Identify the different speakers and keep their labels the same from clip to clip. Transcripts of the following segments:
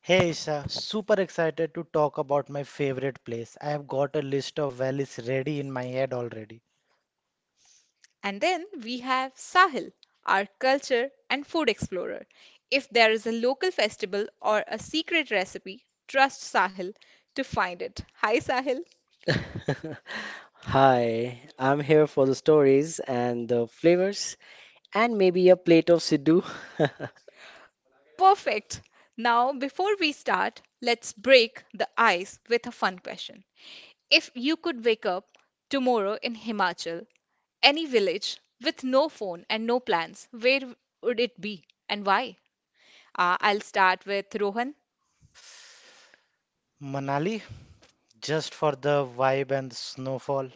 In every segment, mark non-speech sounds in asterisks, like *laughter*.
Speaker 1: Hey Isha, super excited to talk about my favorite place. I have got a list of valleys ready in my head already.
Speaker 2: *laughs* Hi, I'm here for the stories and the flavors and maybe a plate of Siddu. *laughs*
Speaker 1: Manali, just for the vibe and the snowfall.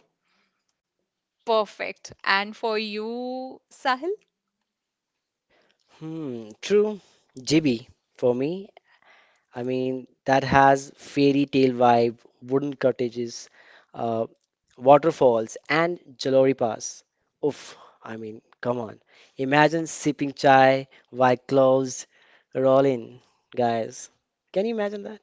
Speaker 2: Hmm, true. Jibby for me. I mean, that has fairy tale vibe, wooden cottages, uh, waterfalls, and Jalori Pass. Oof, I mean, come on. Imagine sipping chai while clothes roll in, guys. Can you imagine that?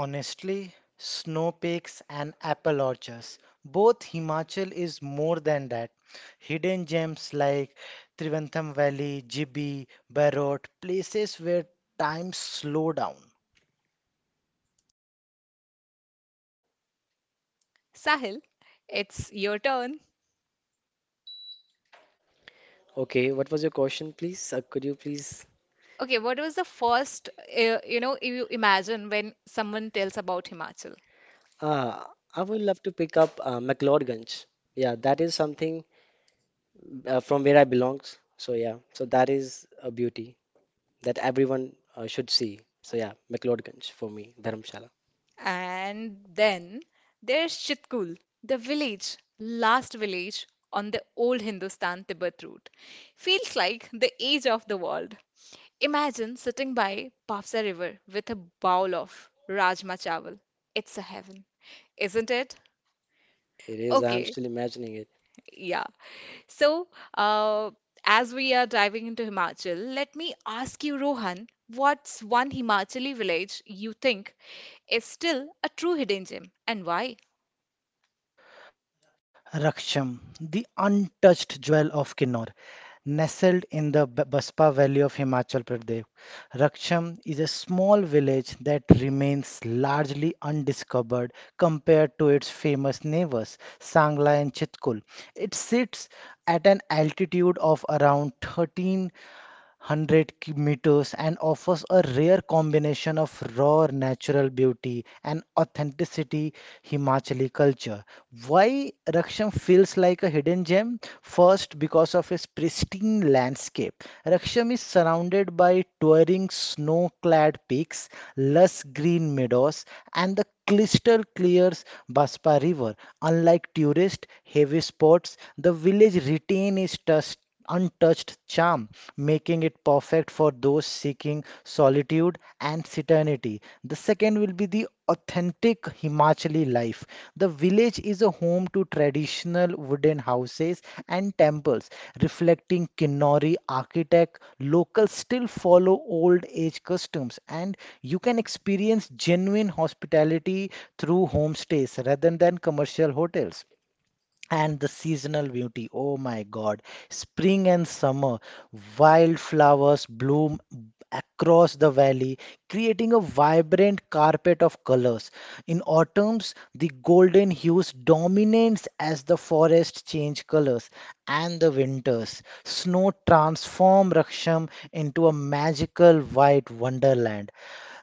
Speaker 1: Honestly, snow peaks and apple orchards. Both Himachal is more than that. Hidden gems like Trivantham Valley, Jibi, Barot, places where time slow down.
Speaker 2: Okay, what was your question, please? Could you please? Uh, I would love to pick up McLeodganj. Yeah, that is something from where I belongs. So yeah, so that is a beauty that everyone should see. So yeah, McLeodganj for me, Dharamshala. It is. I'm still imagining it.
Speaker 1: Raksham, the untouched jewel of Kinnor. Nestled in the Baspa Valley of Himachal Pradesh, Raksham is a small village that remains largely undiscovered compared to its famous neighbors, Sangla and Chitkul. It sits at an altitude of around 13. 100 meters and offers a rare combination of raw natural beauty and authenticity Himachali culture. Why Raksham feels like a hidden gem? First, because of its pristine landscape. Raksham is surrounded by towering snow-clad peaks, lush green meadows, and the crystal clear Baspa River. Unlike tourist heavy spots, the village retain its touch untouched charm, making it perfect for those seeking solitude and serenity. The second will be the authentic Himachali life. The village is a home to traditional wooden houses and temples, reflecting Kinnori architect. Locals still follow old age customs, and you can experience genuine hospitality through homestays rather than commercial hotels. And the seasonal beauty, oh my God, spring and summer, wildflowers bloom across the valley, creating a vibrant carpet of colors. In autumns, the golden hues dominates as the forests change colors, and the winters, snow transform Raksham into a magical white wonderland.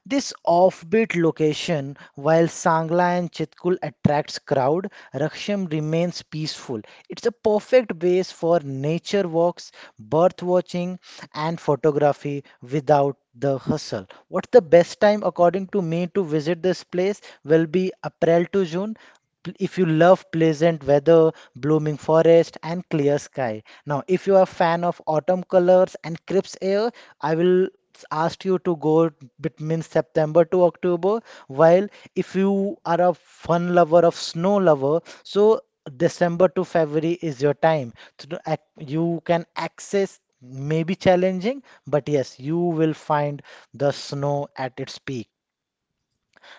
Speaker 1: This offbeat location, while Sangla and Chitkul attracts crowd, Raksham remains peaceful. It's a perfect base for nature walks, birth watching, and photography without the hustle. What's the best time according to me to visit this place? Will be April to June if you love pleasant weather, blooming forest, and clear sky. Now, if you are a fan of autumn colors and crisp air, I will ask you to go between September to October. While if you are a fun lover of snow lover, so December to February is your time. So to ac- you can access maybe challenging, but yes, you will find the snow at its peak.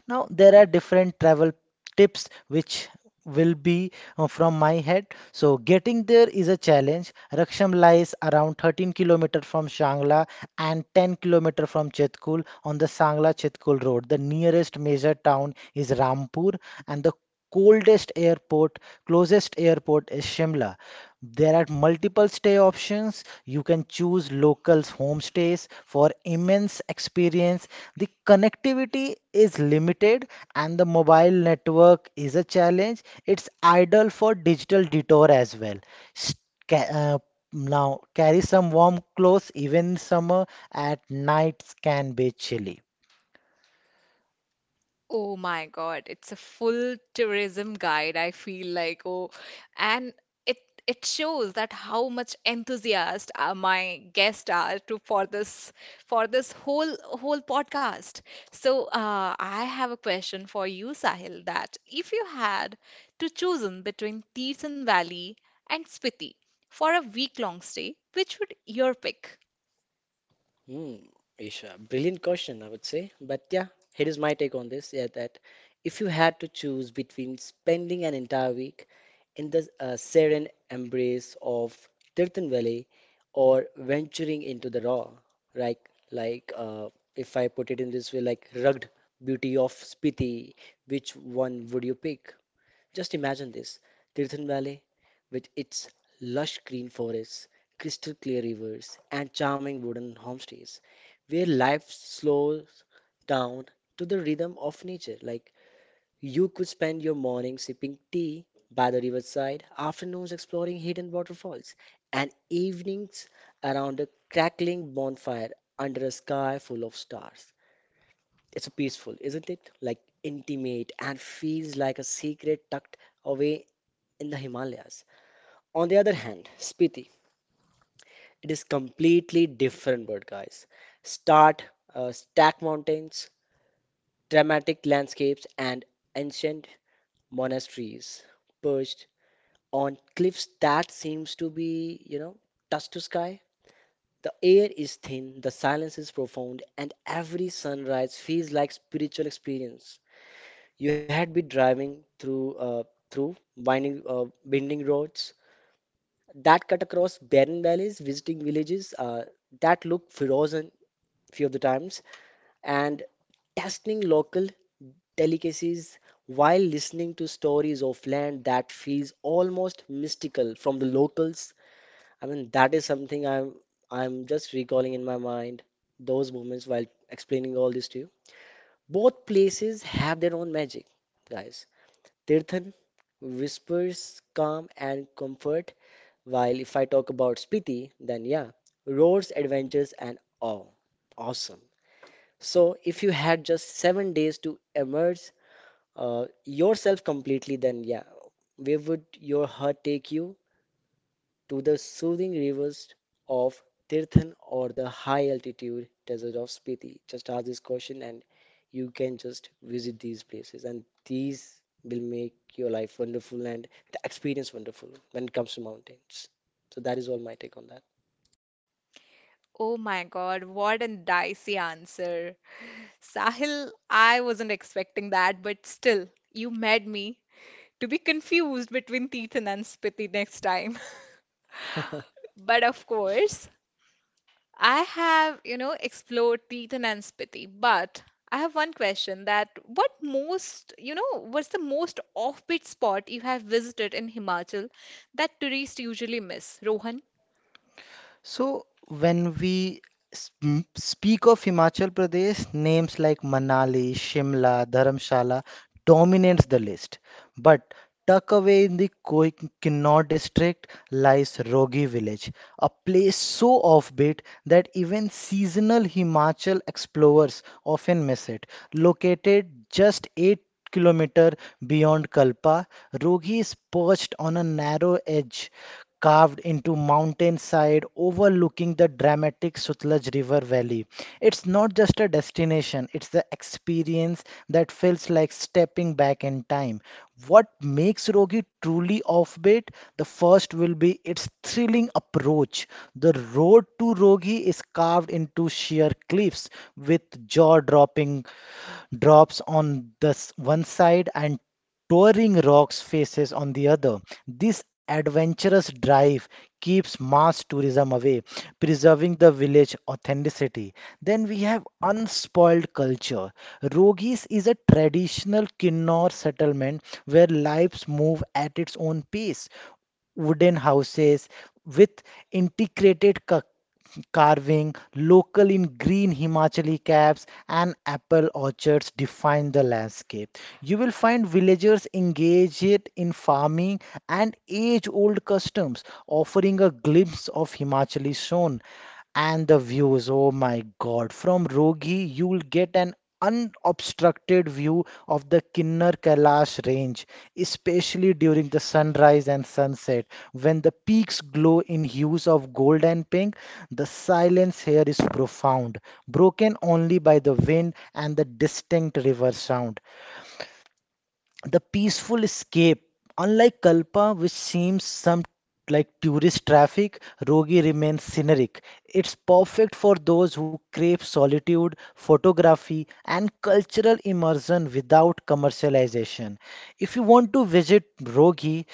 Speaker 1: Now, there are different travel tips which will be from my head. So, getting there is a challenge. Raksham lies around 13 km from Shangla and 10 km from Chetkul on the Sangla Chetkul road. The nearest major town is Rampur and the coldest airport, closest airport is Shimla. There are multiple stay options. You can choose local homestays for immense experience. The connectivity is limited and the mobile network is a challenge. It's ideal for digital detour as well. S- ca- uh, Now, carry some warm clothes, even in summer at nights can be chilly.
Speaker 2: Hmm, Isha, brilliant question, I would say. But yeah, here is my take on this. Yeah, that if you had to choose between spending an entire week in the serene embrace of Tirthan Valley or venturing into the raw, right? Like, uh, if I put it in this way, like rugged beauty of Spiti, which one would you pick? Just imagine this Tirthan Valley, with its lush green forests, crystal clear rivers, and charming wooden homestays, where life slows down to the rhythm of nature. Like you could spend your morning sipping tea by the riverside, afternoons exploring hidden waterfalls, and evenings around a crackling bonfire under a sky full of stars. It's peaceful, isn't it? Like intimate and feels like a secret tucked away in the Himalayas. On the other hand, Spiti, it is completely different bird, guys. Start stack mountains, dramatic landscapes, and ancient monasteries perched on cliffs that seems to be, you know, touch to sky. The air is thin, the silence is profound, and every sunrise feels like spiritual experience. You had been driving through winding roads, that cut across barren valleys, visiting villages that look frozen few of the times, and tasting local delicacies while listening to stories of land that feels almost mystical from the locals. I mean, that is something I'm just recalling in my mind those moments while explaining all this to you. Both places have their own magic, guys. Tirthan whispers calm and comfort, while if I talk about Spiti, then yeah, roads, adventures, and awe. Awesome. So if you had just 7 days to immerse yourself completely, then yeah, where would your heart take you? To the soothing rivers of Tirthan or the high altitude desert of Spiti? Just ask this question and you can just visit these places, and these will make your life wonderful and the experience wonderful when it comes to mountains. So that is all my take on that. *laughs*
Speaker 1: So, when we speak of Himachal Pradesh, names like Manali, Shimla, Dharamshala dominates the list. But tucked away in the Kinnauр district lies Rogi village, a place so offbeat that even seasonal Himachal explorers often miss it. Located just 8 km beyond Kalpa, Rogi is perched on a narrow edge carved into mountainside overlooking the dramatic Sutlej River valley. It's not just a destination, it's the experience that feels like stepping back in time. What makes Rogi Yogi truly offbeat, the first will be its thrilling approach. The road to Rogi is carved into sheer cliffs with jaw-dropping drops on this one side and towering rocks faces on the other. This adventurous drive keeps mass tourism away, preserving the village authenticity. Then we have un unspoiled culture. Rogis is a traditional Kinnor settlement where lives move at its own pace. Wooden houses with integrated carving, local in green Himachali caps, and apple orchards define the landscape. You will find villagers engaged in farming and age old customs, offering a glimpse of Himachali soul. And the views, oh my God. From Rogi, you'll get an unobstructed view of the Kinnar Kailash range, especially during the sunrise and sunset. When the peaks glow in hues of gold and pink, the silence here is profound, broken only by the wind and the distinct river sound the peaceful escape unlike kalpa which seems some like tourist traffic rogi remains scenic. It's perfect for those who crave solitude, photography, and cultural immersion without commercialization. If you want to visit rogi,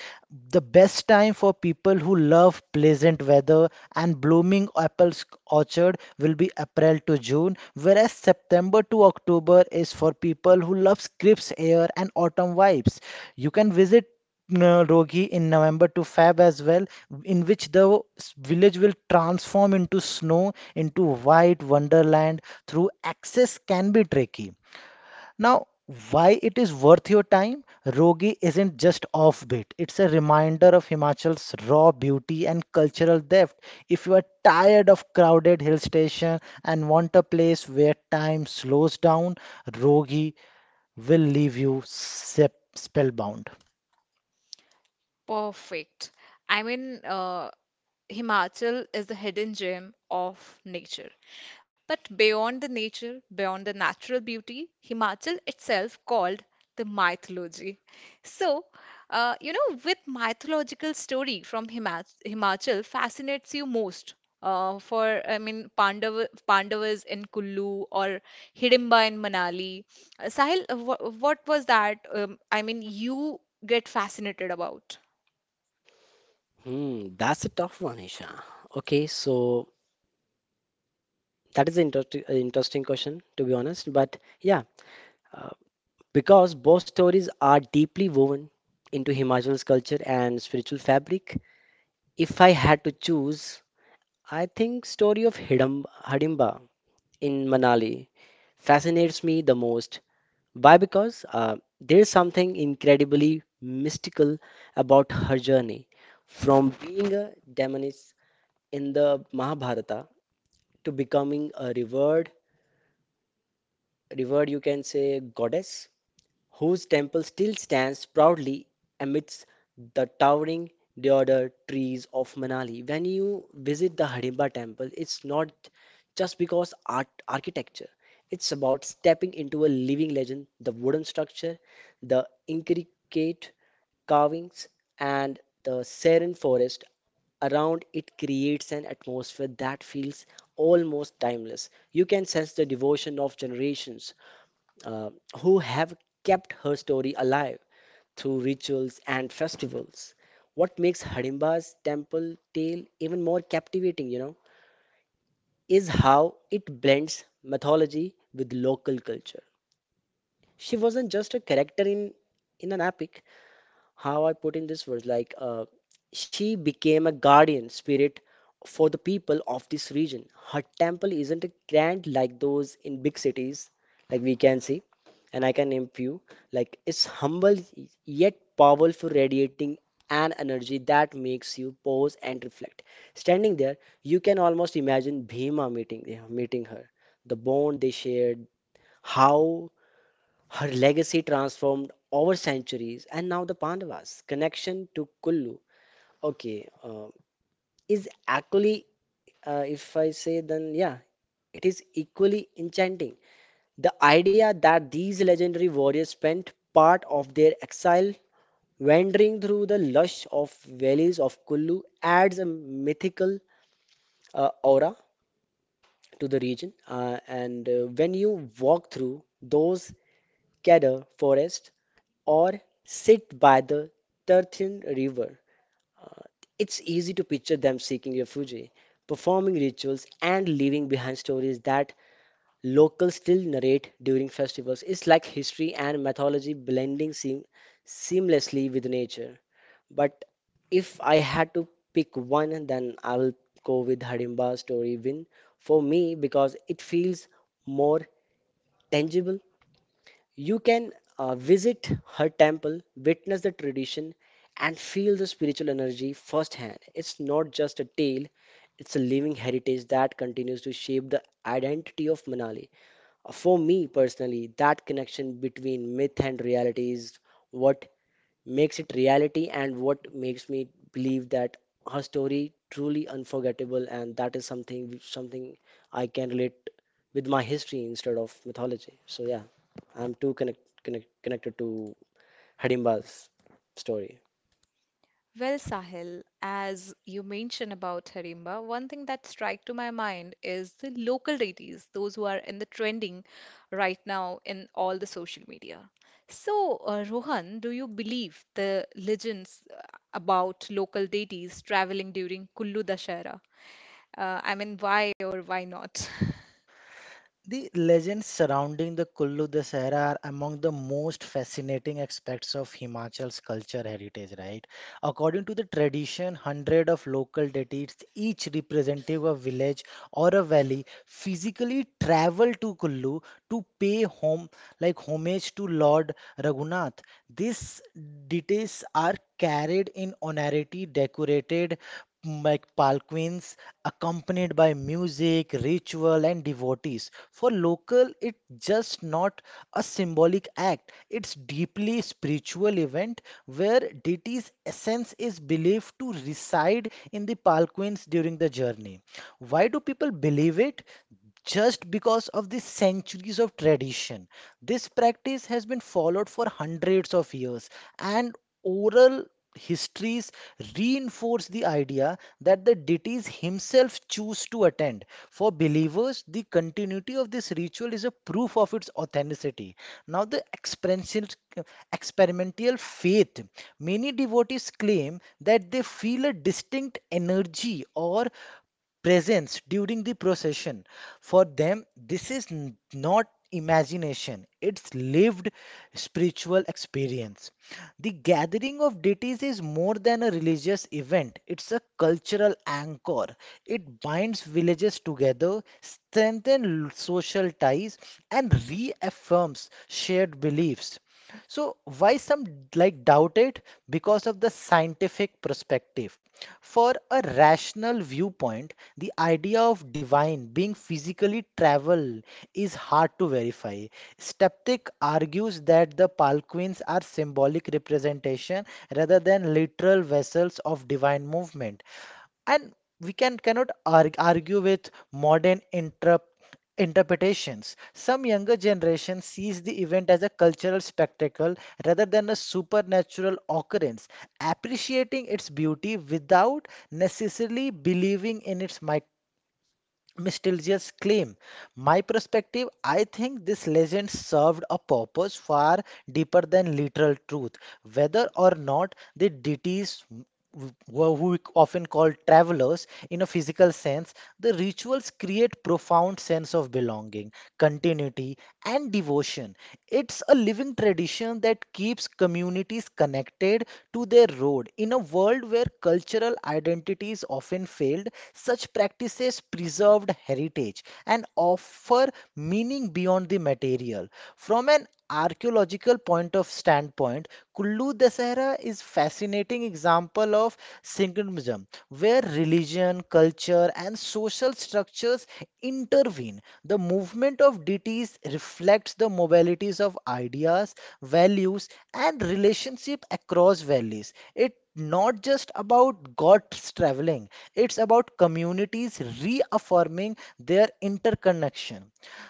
Speaker 1: the best time for people who love pleasant weather and blooming apple orchard will be April to June, whereas September to October is for people who love crisp air and autumn vibes. You can visit Rogi in November to Feb as well, in which the village will transform into snow, into white wonderland through access can be tricky. Now, why it is worth your time? Rogi isn't just offbeat. It's a reminder of Himachal's raw beauty and cultural depth. If you are tired of crowded hill station and want a place where time slows down, Rogi will leave you spellbound.
Speaker 2: Hmm, that's a tough one, Isha. Okay, so that is an interesting question, to be honest. But yeah, uh, because both stories are deeply woven into Himachal's culture and spiritual fabric, if I had to choose, I think story of Hidimba in Manali fascinates me the most. Why? Because there's something incredibly mystical about her journey from being a demonic in the Mahabharata to becoming a revered you can say goddess, whose temple still stands proudly amidst the towering deodar trees of Manali. When you visit the Hidimba temple, it's not just because art architecture. It's about stepping into a living legend, the wooden structure, the intricate carvings, and the serene forest around it creates an atmosphere that feels almost timeless. You can sense the devotion of generations uh, who have kept her story alive through rituals and festivals. What makes Harimba's temple tale even more captivating, you know, is how it blends mythology with local culture. She wasn't just a in an epic, how I put in this words she became a guardian spirit for the people of this region. Her temple isn't grand like those in big cities, like we can see, and I can name few. Like it's humble yet powerful, radiating an energy that makes you pause and reflect. Standing there, you can almost imagine Bhima meeting her, the bond they shared, how her legacy transformed over centuries, and now the Pandavas' connection to Kullu, okay, uh, is actually, if I say, then yeah, it is equally enchanting. The idea that these legendary warriors spent part of their exile wandering through the lush of valleys of Kullu adds a mythical aura to the region. And when you walk through those Gather forest or sit by the Tirthan river. It's easy to picture them seeking refuge, performing rituals, and leaving behind stories that locals still narrate during festivals. It's like history and mythology blending seamlessly with nature. But if I had to pick one, then I will go with Harimba's story win for me because it feels more tangible you can visit her temple, witness the tradition, and feel the spiritual energy firsthand. It's not just a tale, it's a living heritage that continues to shape the identity of Manali. For me personally, that connection between myth and reality is what makes it reality and what makes me believe that her story truly unforgettable and that is something something I can relate with my history instead of mythology. So yeah, I'm too connected to Hidimba's story.
Speaker 1: The legends surrounding the Kullu Dasahara are among the most fascinating aspects of Himachal's culture heritage, right? According to the tradition, hundred of local deities, each representative of village or a valley, physically travel to Kullu to pay home like homage to Lord Raghunath. These deities are carried in honorary decorated like palanquins accompanied by music, ritual, and devotees. For local, it's just not a symbolic act. It's deeply spiritual event where deity's essence is believed to reside in the palanquins during the journey. Why do people believe it? Just because of the centuries of tradition. This practice has been followed for hundreds of years, and oral histories reinforce the idea that the deities himself choose to attend. For believers, the continuity of this ritual is a proof of its authenticity. Now, the experiential, experimental faith. Many devotees claim that they feel a distinct energy or presence during the procession. For them, this is not imagination, it's lived spiritual experience. The gathering of deities is more than a religious event, it's a cultural anchor. It binds villages together, strengthens social ties, and reaffirms shared beliefs. So, why some like doubt it? Because of the scientific perspective. For a rational viewpoint, the idea of divine being physically travel is hard to verify. Skeptic argues that the Palquins are symbolic representation rather than literal vessels of divine movement and we can cannot argue with modern interpretations. Some younger generation sees the event as a cultural spectacle rather than a supernatural occurrence, appreciating its beauty without necessarily believing in its Mistilja's claim. My perspective, I think this legend served a purpose far deeper than literal truth. Whether or not the deities were who we often call travelers in a physical sense, the rituals create profound sense of belonging, continuity, and devotion. It's a living tradition that keeps communities connected to their road. In a world where cultural identities often failed, such practices preserved heritage and offer meaning beyond the material. From an archaeological point of standpoint, Kullu Dasahara is fascinating example of synchronism, where religion, culture, and social structures intervene. The movement of deities reflects the mobilities of ideas, values, and relationship across valleys. It not just about gods traveling, it's about communities reaffirming their interconnection.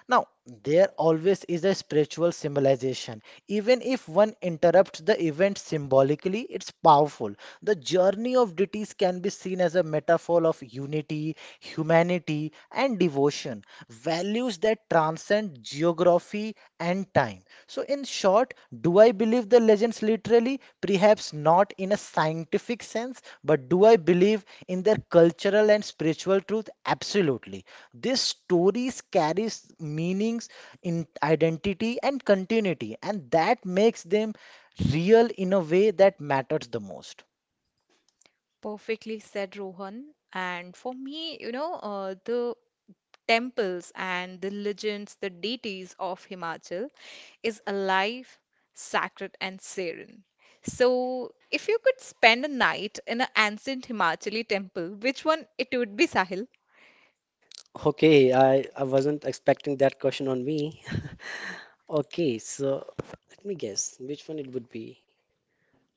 Speaker 1: Now, there always is a spiritual symbolization. Even if one interrupts the event symbolically, it's powerful. The journey of deities can be seen as a metaphor of unity, humanity, and devotion, values that transcend geography and time. So, in short, do I believe the legends literally? Perhaps not in a scientific sense, but do I believe in their cultural and spiritual truth? Absolutely. These stories carries meanings in identity and continuity, and that makes them real in a way that matters the most.
Speaker 2: Okay, I wasn't expecting that question on me. *laughs* Okay, so let me guess which one it would be.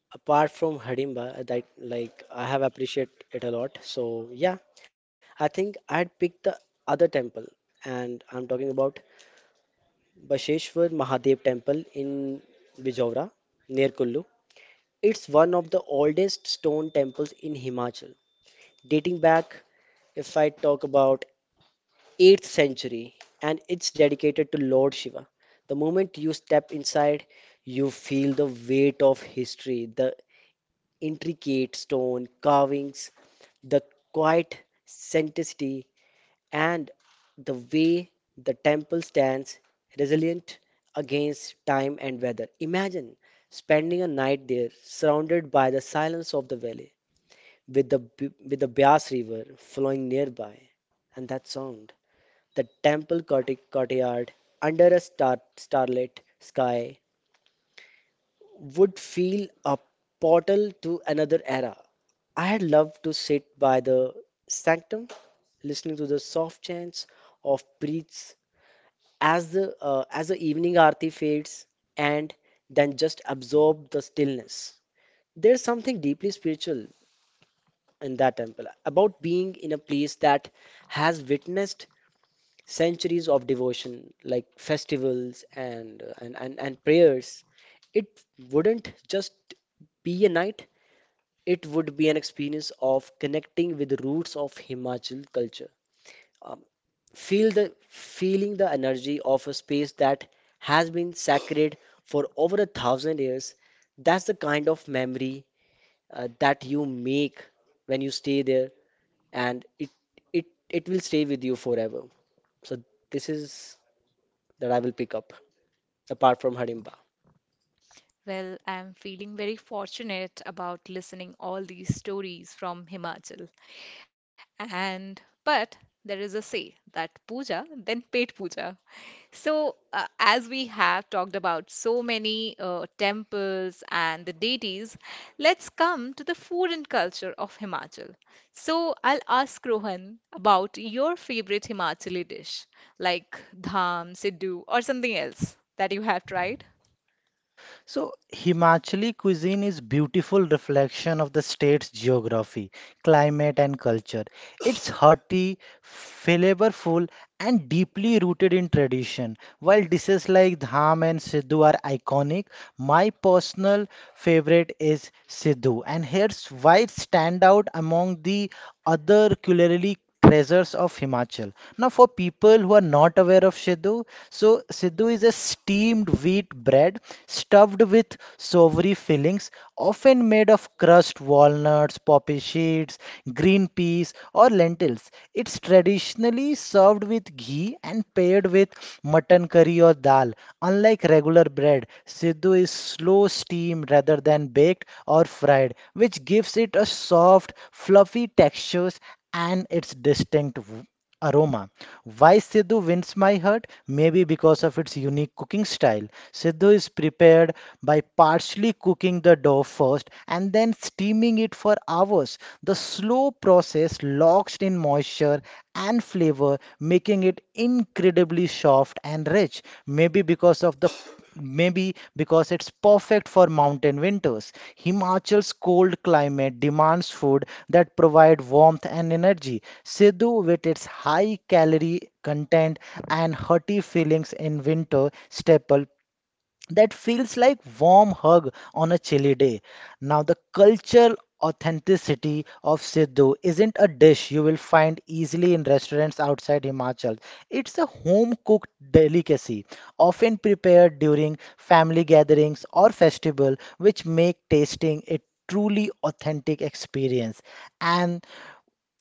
Speaker 2: Apart from Harimba that like I have appreciate it a lot. So yeah, I think I'd pick the other temple and I'm talking about Basheshwar Mahadev Temple in Bijora near Kullu. It's one of the oldest stone temples in Himachal, dating back if I talk about 8th century and it's dedicated to Lord Shiva. The moment you step inside, you feel the weight of history, the intricate stone carvings, the quiet sanctity, and the way the temple stands resilient against time and weather. Imagine spending a night there, surrounded by the silence of the valley, with the Bias River flowing nearby, and that sound, the courtyard under a starlit sky, would feel a portal to another era. I had loved to sit by the sanctum, listening to the soft chants of priests as the evening aarti fades, and then just absorb the stillness. There's something deeply spiritual in that temple about being in a place that has witnessed centuries of devotion, like festivals and prayers. It wouldn't just be a night; it would be an experience of connecting with the roots of Himachal culture. Um, feeling the energy of a space that has been sacred for over a thousand years. That's the kind of memory that you make when you stay there, and it will stay with you forever. So this is that I will pick up apart from Hardimba.
Speaker 1: So, Himachali cuisine is beautiful reflection of the state's geography, climate, and culture. It's hearty, flavorful, and deeply rooted in tradition. While dishes like dham and sidhu are iconic, my personal favorite is Sidhu, and here's why it stand out among the other culinary treasures of Himachal. Now, for people who are not aware of Sidhu, so Sidhu is a steamed wheat bread stuffed with savory fillings, often made of crushed walnut peanuts, poppy seeds, green peas, or lentils. It's traditionally served with ghee and paired with mutton curry or dal. Unlike regular bread, Siddu is slow steamed rather than baked or fried, which gives it a soft, fluffy texture and its distinct aroma. Why Sidhu wins my heart? Maybe because of its unique cooking style. Sidhu is prepared by partially cooking the dough first and then steaming it for hours. The slow process locks in moisture and flavor, making it incredibly very soft and rich, maybe because it's perfect for mountain winters. Himachal's cold climate demands food that provide warmth and energy. Sidhu, with its high calorie content and hearty feelings in winter staple that feels like warm hug on a chilly day. Now the cultural authenticity of Sidhu isn't a dish you will find easily in restaurants outside Himachal. It's a home cooked delicacy, often prepared during family gatherings or festival, which make tasting a truly authentic experience. And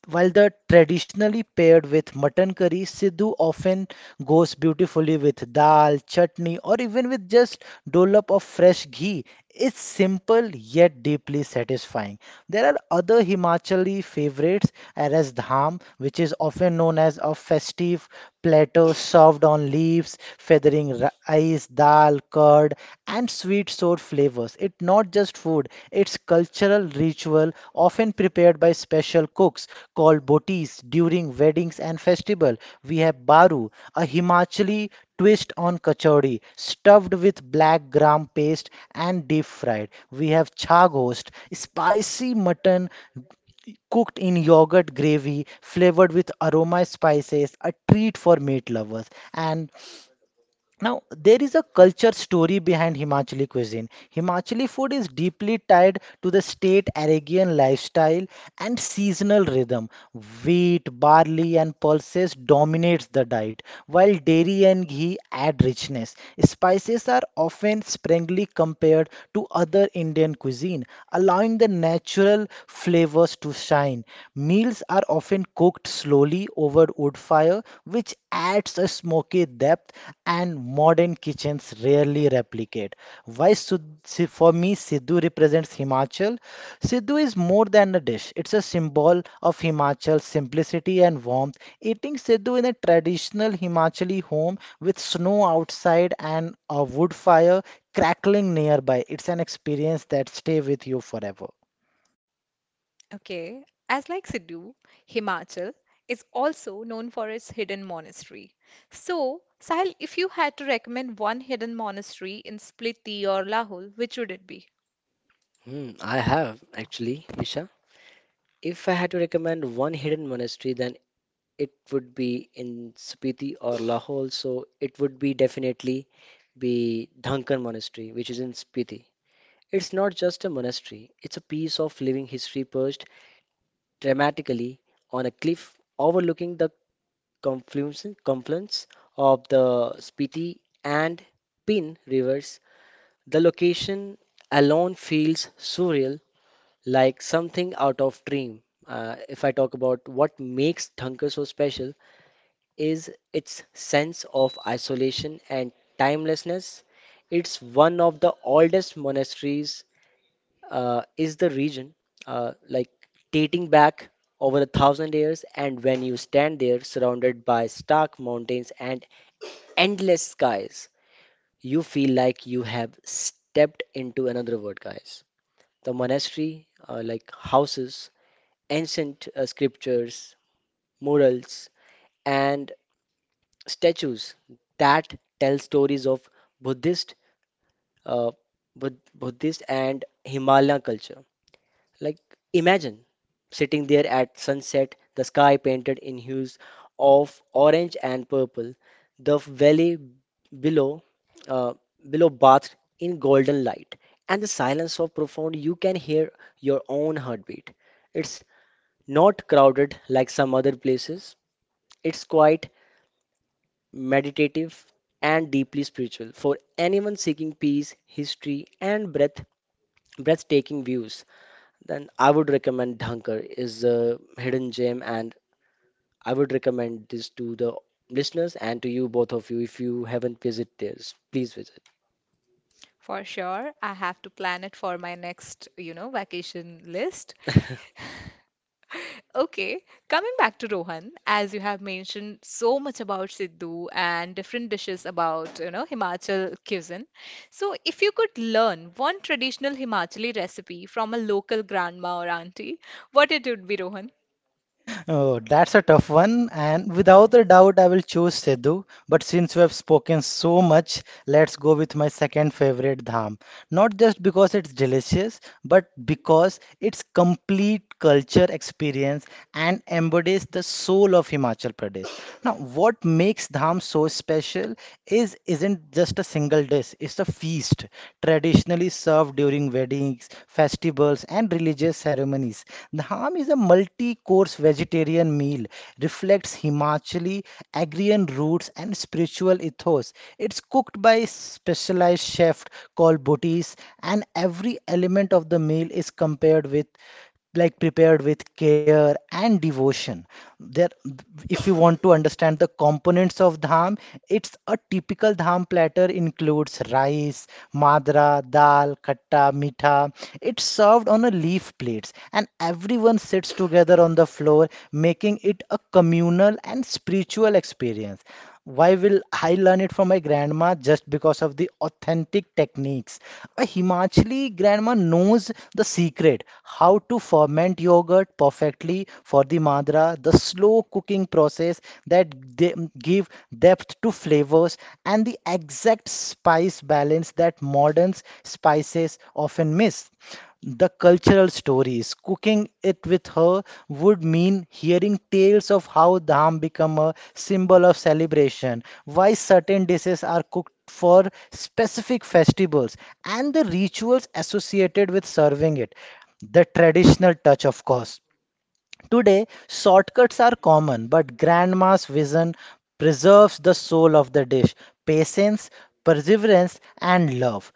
Speaker 1: while the traditionally paired with mutton curry, Sidhu often goes beautifully with dal, chutney, or even with just dollop of fresh ghee. It's simple yet deeply satisfying. There are other Himachali favorites, as dham, which is often known as a festive platter served on leaves, feathering rice, spices, dal, curd, and sweet sour flavors. It's not just food, it's cultural ritual often prepared by special cooks called botis during weddings and festival. We have baru, a Himachali twist on kachori, stuffed with black gram paste and deep fried. We have chaghost, spicy mutton cooked in yogurt gravy flavored with aroma spices, a treat for meat lovers. And now, there is a culture story behind Himachali cuisine. Himachali food is deeply tied to the state Arabian lifestyle and seasonal rhythm. Wheat, barley, and pulses dominates the diet, while dairy and ghee add richness. Spices are often sparingly compared to other Indian cuisine, allowing the natural flavors to shine. Meals are often cooked slowly over wood fire, which adds a smoky depth and modern kitchens rarely replicate. For me, Sidhu represents Himachal? Sidhu is more than a dish. It's a symbol of Himachal's simplicity and warmth. Eating Sidhu in a traditional Himachali home with snow outside and a wood fire crackling nearby, it's an experience that stay with you forever.
Speaker 2: Hmm, I have actually, Isha. If I had to recommend one hidden monastery, then it would be in Spiti or Lahore, so it would be definitely be Dhankar Monastery, which is in Spiti. It's not just a monastery, it's a piece of living history perched dramatically on a cliff overlooking the confluence of the Spiti and Pin rivers. The location alone feels surreal, like something out of dream. If I talk about what makes Dhankar so special, is its sense of isolation and timelessness. It's one of the oldest monasteries is the region, uh, like dating back over a thousand years. And when you stand there, surrounded by stark mountains and endless skies, you feel like you have stepped into another world, guys. The monastery, houses, ancient scriptures, murals, and statues that tell stories of Buddhist, uh, Buddhist and Himalayan culture. Like imagine sitting there at sunset, the sky painted in hues of orange and purple, the valley below, uh, bathed in golden light, and the silence so profound. You can hear your own heartbeat. It's not crowded like some other places. It's quiet meditative, and deeply spiritual. For anyone seeking peace, history, and breathtaking views, then I would recommend Dhankar is a hidden gem, and I would recommend this to the listeners and to you both of you if you haven't visited this, please visit. *laughs*
Speaker 1: Oh, that's a tough one, and without a doubt, I will choose Sidhu. But since we have spoken so much, let's go with my second favorite, dham. Not just because it's delicious, but because it's complete culture experience and embodies the soul of Himachal Pradesh. Now, what makes dham so special is isn't just a single dish, it's a feast traditionally served during weddings, festivals, and religious ceremonies. Dham is a multi-course vegetarian meal, reflects Himachali, agrarian roots, and spiritual ethos. It's cooked by a specialized chef called Bhutis, and every element of the meal is compared with like prepared with care and devotion. There, if you want to understand the components of dham, it's a typical dham platter includes rice, madra, dal, khatta, mitha. It's served on a leaf plates, and everyone sits together on the floor, making it a communal and spiritual experience. Why will I learn it from my grandma? Just because of the authentic techniques. A Himachali grandma knows the secret how to ferment yogurt perfectly for the madra, the slow cooking process that they give depth to flavors, and the exact spice balance that modern spices often miss the cultural stories. Cooking it with her would mean hearing tales of how dham become a symbol of celebration, why certain dishes are cooked for specific festivals, and the rituals associated with serving it. The traditional touch, of course. Today, shortcuts are common, but grandma's vision preserves the soul of the dish, patience, perseverance, and love.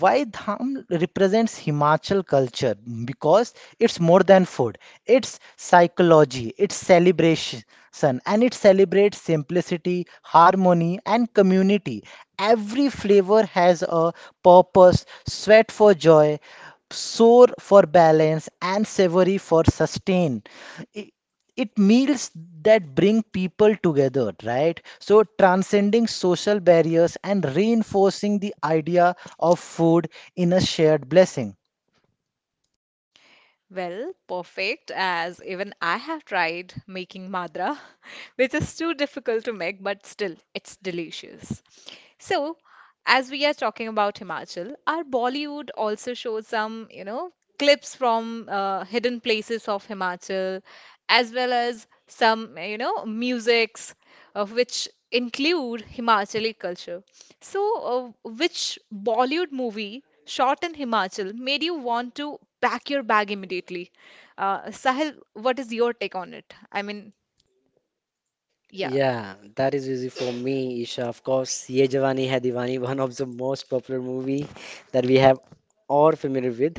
Speaker 1: Why dham represents Himachal culture? Because it's more than food, it's psychology, it's celebration, and it celebrates simplicity, harmony, and community. Every flavor has a purpose, sweat for joy, sour for balance, and savory for sustain. I- It meals that bring people together, right? So, transcending social barriers and reinforcing the idea of food in a shared blessing.
Speaker 2: Yeah, that is easy for me, Isha. Of course, Ye Jawani Hai Diwani, one of the most popular movie that we have all familiar with.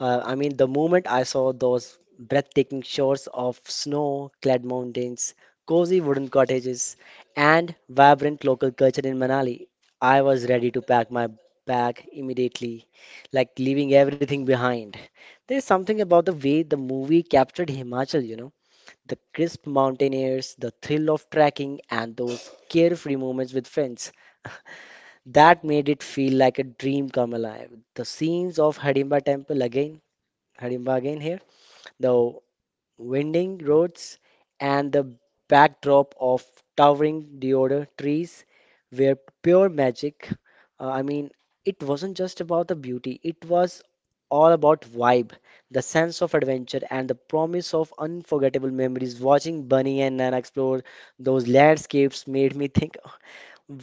Speaker 2: I mean, the moment I saw those breathtaking shores of snow-clad mountains, cozy wooden cottages, and vibrant local culture in Manali, I was ready to pack my bag immediately, like leaving everything behind. There's something about the way the movie captured Himachal, you know, the crisp mountain airs, the thrill of trekking, and those carefree moments with friends. That made it feel like a dream come alive. The scenes of Hidimba Temple again Harimba again here. The winding roads and the backdrop of towering deodar trees were pure magic. Uh, I mean, it wasn't just about the beauty, it was all about vibe, the sense of adventure, and the promise of unforgettable memories. Watching Bunny and Nana explore those landscapes made me think,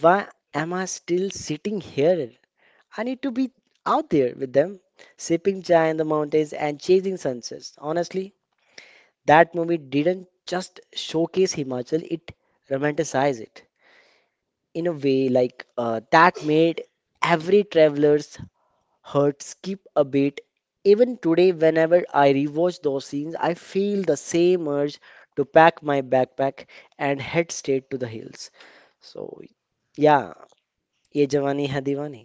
Speaker 2: why am I still sitting here? I need to be out there with them, sipping chai in the mountains and chasing sunsets. Honestly, that movie didn't just showcase Himachal, it romanticized it in a way like that made every traveler's heart skip a beat. Even today, whenever I rewatch those scenes, I feel the same urge to pack my backpack and head straight to the hills. So, yeah, ye jawani hai diwani.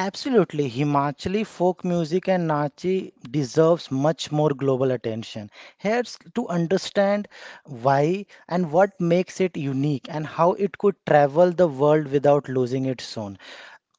Speaker 1: Absolutely, Himachali folk music and Nachi deserves much more global attention. Here's to understand why and what makes it unique and how it could travel the world without losing its own.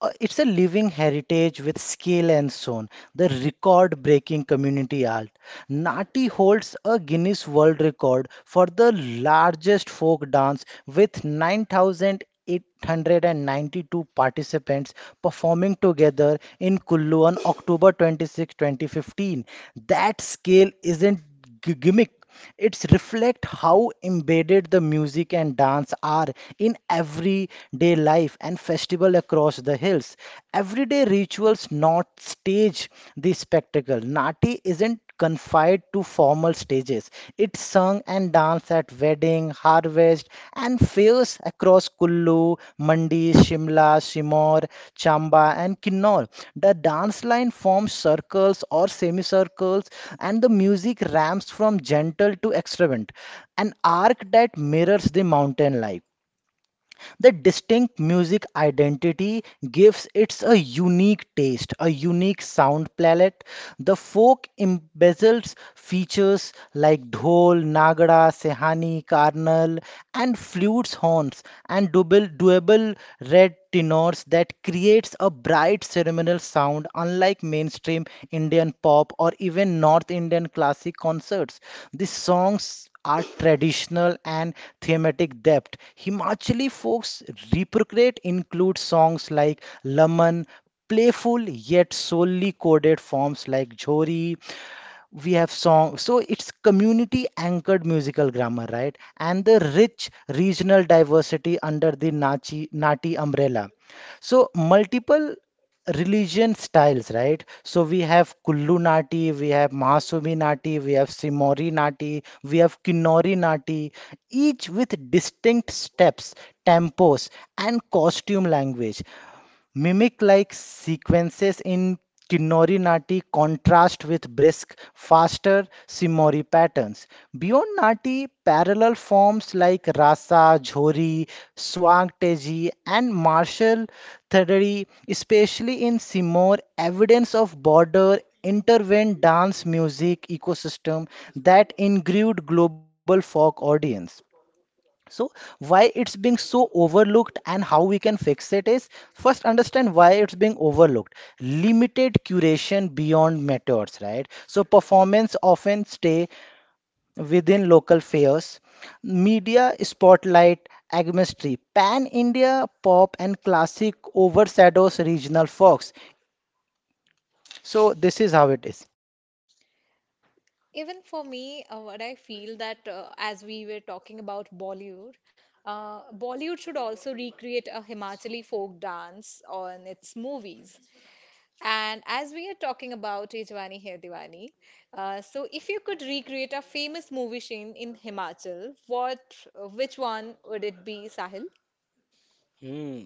Speaker 1: It's a living heritage with skill and soul. The record breaking community art. Nati holds a Guinness World Record for the largest folk dance with 9,892 participants performing together in Kullu on October 26, 2015. That scale isn't gimmick. It's reflect how embedded the music and dance are in everyday life and festival across the hills. Everyday rituals, not stage the spectacle. Nati isn't confined to formal stages. It's sung and danced events at wedding, harvest, and fairs across Kullu, Mandi, Shimla, Shimor, Chamba, and Kinnaur. The dance line forms circles or semicircles, and the music ramps from gentle to extravagant, an arc that mirrors the mountain life. The distinct music identity gives it a unique taste, a unique sound palette. The folk embezzles features like dhol, nagada, sehani, karnal, and flutes, horns, and doable red tenors that creates a bright ceremonial sound unlike mainstream Indian pop or even North Indian classic concerts. These songs are traditional and thematic depth. Himachali folk's repertoire include songs like Laman, playful yet solely coded forms like Jhori, we have song, so it's community anchored musical grammar, right? And the rich regional diversity under the nachi nati umbrella, so multiple religion styles, right? So we have Kullu nati, we have Mahasumi nati, we have Simori nati, we have Kinnori nati, each with distinct steps, tempos, and costume language. Mimic-like sequences in Kinori-nati contrast with brisk, faster Shimori patterns. Beyond nati, parallel forms like rasa, jhori, swagteji, and martial theory, especially in Simor, evidence of border intervened dance music ecosystem that ingrained global folk audience. So, why it's being so overlooked and how we can fix it is first understand why it's being overlooked. Limited curation beyond methods, right? So, performance often stay within local fairs. Media spotlight agmistry. Pan India pop and classic overshadows regional folks. So, this is how it is.
Speaker 2: Hmm.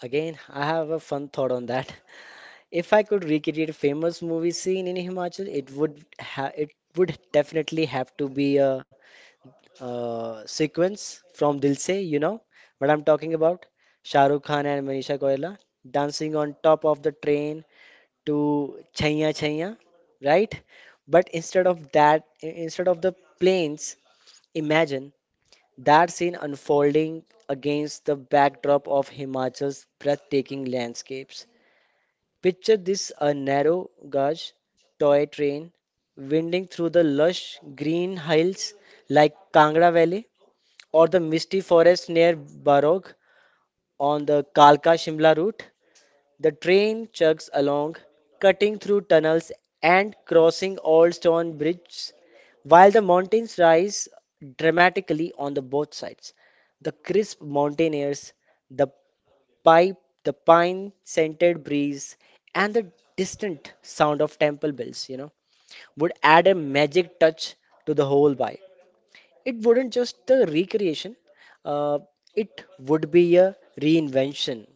Speaker 2: Again, I have a fun thought on that. *laughs* If I could recreate a famous movie scene in Himachal, it would ha it would definitely have to be a, sequence from Dil Se, you know what I'm talking about? Shah Rukh Khan and Manisha Koirala dancing on top of the train to Chaiya Chaiya, right? But instead of that, instead of the planes, imagine that scene unfolding against the backdrop of Himachal's breathtaking landscapes. Picture this a narrow gauge toy train winding through the lush green hills like Kangra Valley or the misty forest near Barog on the Kalka Shimla route. The train chugs along, cutting through tunnels and crossing old stone bridges, while the mountains rise dramatically on the both sides. The crisp mountain airs, the pipe, the pine-scented breeze, and the distant sound of temple bells, you know, would add a magic touch to the whole vibe. It wouldn't just a recreation, uh, it would be a reinvention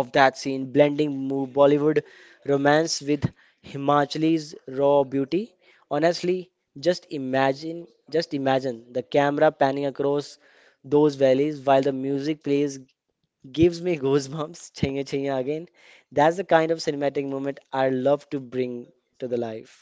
Speaker 2: of that scene, blending Bollywood romance with Himachali's raw beauty. Honestly, just imagine the camera panning across those valleys while the music plays gives me goosebumps. *laughs* Chinga chinga again. That's the kind of cinematic moment I love to bring to the life.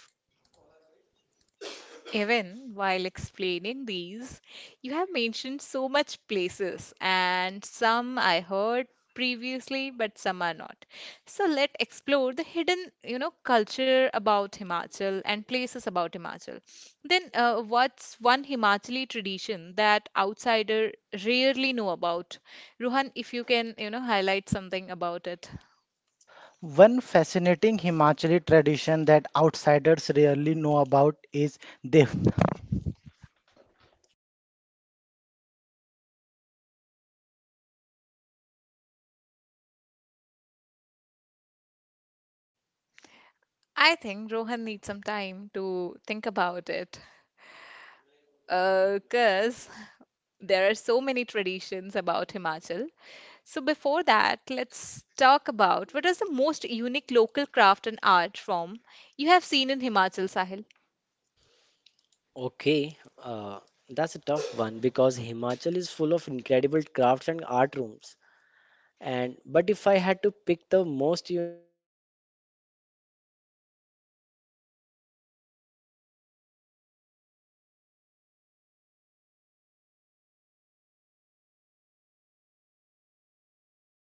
Speaker 1: One fascinating Himachali tradition that outsiders rarely know about is Dev
Speaker 2: Okay, uh, that's a tough one because Himachal is full of incredible crafts and art rooms. And but if I had to pick the most unique one, I have seen it would be Kullu shawl weaving. It's not just a craft, it's a tradition that has been passed down for generations and generations. Watching artisans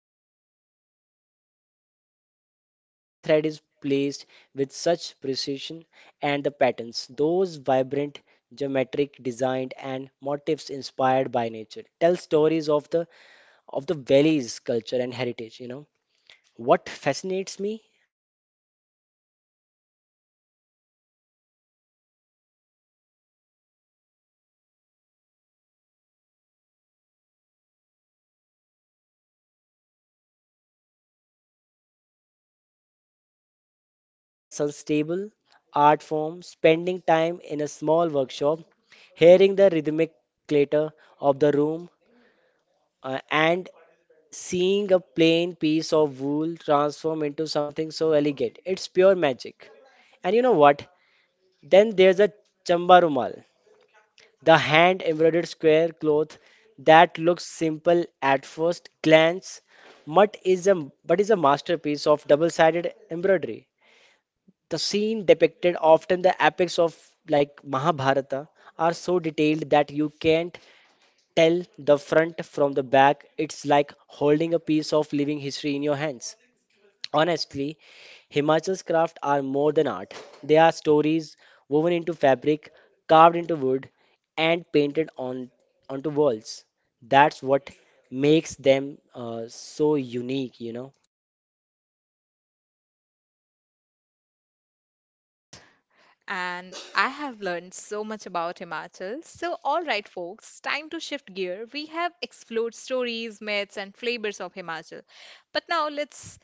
Speaker 2: work on those handlooms is mesmerizing. Every thread is placed with such precision, and the patterns, those vibrant geometric design and motifs inspired by nature, tell stories of the valley's culture and heritage, you know. What fascinates me the most is how these shawls aren't just beautiful, they are practical and deeply symbolic. The colors often represent different aspects of life in the mountains, and the wool used is sourced locally, making it a sustainable art form. Spending time in a small workshop, hearing the rhythmic clatter of the room, and seeing a plain piece of wool transform into something so elegant, it's pure magic. And you know what? Then there's a chamba rumal, the hand embroidered square cloth that looks simple at first glance, but is a but is a masterpiece of double-sided embroidery. The scene depicted often the epics of like Mahabharata are so detailed that you can't tell the front from the back. It's like holding a piece of living history in your hands. Honestly, Himachal's craft are more than art. They are stories woven into fabric, carved into wood, and painted on onto walls. That's what makes them so unique, you know.
Speaker 3: And I have learned so much about Himachal. So, all right, folks, time to shift gear. We have explored stories, myths, and flavors of Himachal. But now let's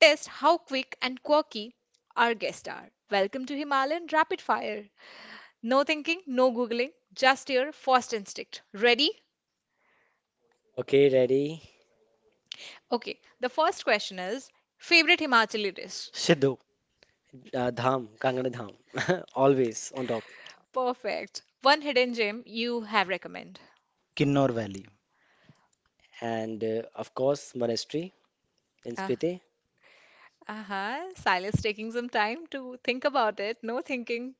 Speaker 3: test how quick and quirky our guests are. Welcome to Himalayan Rapid Fire. No thinking, no Googling, just your first instinct. Ready?
Speaker 2: Okay, ready?
Speaker 3: Okay, the first question is favorite Himachali dish?
Speaker 1: Sidhu,
Speaker 2: Dham, Kangana Dham, *laughs* always on top.
Speaker 3: Perfect. One hidden gem you have recommend.
Speaker 1: Kinnor Valley,
Speaker 2: And of course, monastery in Spiti.
Speaker 3: Uh-huh. Silas taking some time to think about it. No thinking,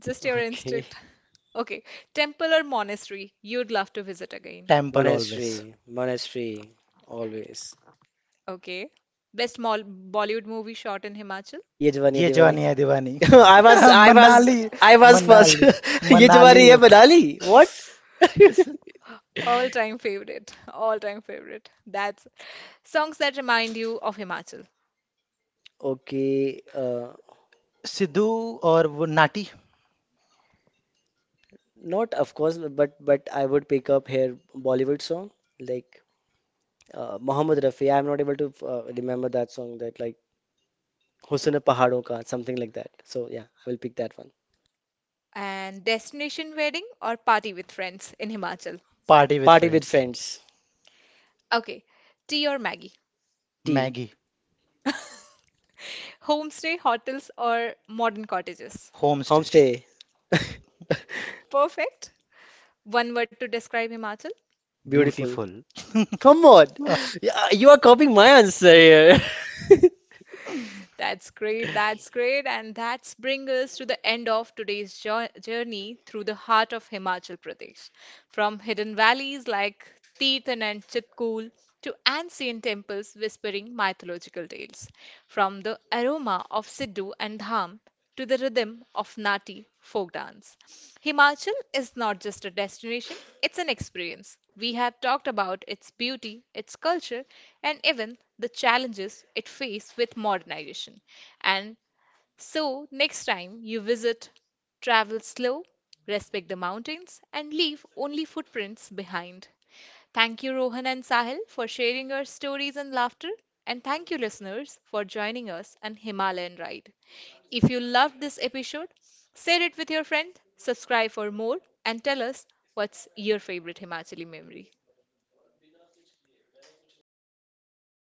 Speaker 3: just your
Speaker 2: Okay,
Speaker 3: instinct. Okay. Temple or monastery you'd love to visit again.
Speaker 1: temple always.
Speaker 2: monastery, monastery, always.
Speaker 3: Okay. Best mol Bollywood movie shot in Himachal.
Speaker 2: Ye Jawani Ye
Speaker 1: ये
Speaker 2: Diwani.
Speaker 1: जवानी है दीवानी
Speaker 2: *laughs* I was,
Speaker 1: *laughs*
Speaker 2: I was,
Speaker 1: Manali
Speaker 2: I was first.
Speaker 1: Manali
Speaker 2: *laughs* ये
Speaker 1: मनाली
Speaker 2: तुम्हारी ये बना ली? What? *laughs*
Speaker 3: All time favorite. *laughs* All time favorite. That's songs that remind you of Himachal.
Speaker 2: Okay,
Speaker 1: Sidhu और वो Nati
Speaker 2: not of course, but I would pick up here Bollywood song like Mohammed Rafi. I'm not able to remember that song that like Husn Pahadon Ka something like that. So yeah, I will pick that one.
Speaker 3: And destination wedding or party with friends in Himachal.
Speaker 1: Party with
Speaker 2: Party with
Speaker 1: friends
Speaker 2: friends,
Speaker 3: Okay. Tea or Maggie?
Speaker 2: tea,
Speaker 1: Maggi
Speaker 3: Homestay, hotels, or modern cottages?
Speaker 1: Homestay
Speaker 2: homestay, *laughs*
Speaker 3: Perfect. One word to describe Himachal.
Speaker 2: beautiful.
Speaker 1: *laughs*
Speaker 2: Come on, yeah, you are copying my answer here. *laughs*
Speaker 3: That's great. That's great. And that's bring us to the end of today's journey through the heart of Himachal Pradesh. From hidden valleys like Tirthan and Chitkul to ancient temples whispering mythological tales. From the aroma of Sidhu and Dham to the rhythm of Nati folk dance. Himachal is not just a destination, it's an experience. We have talked about its beauty, its culture, and even the challenges it faces with modernization. And so, next time you visit, travel slow, respect the mountains, and leave only footprints behind. Thank you, Rohan and Sahil, for sharing your stories and laughter. And thank you, listeners, for joining us on Himalayan Ride. If you loved this episode, share it with your friend, subscribe for more, and tell us what's your favorite Himachali memory.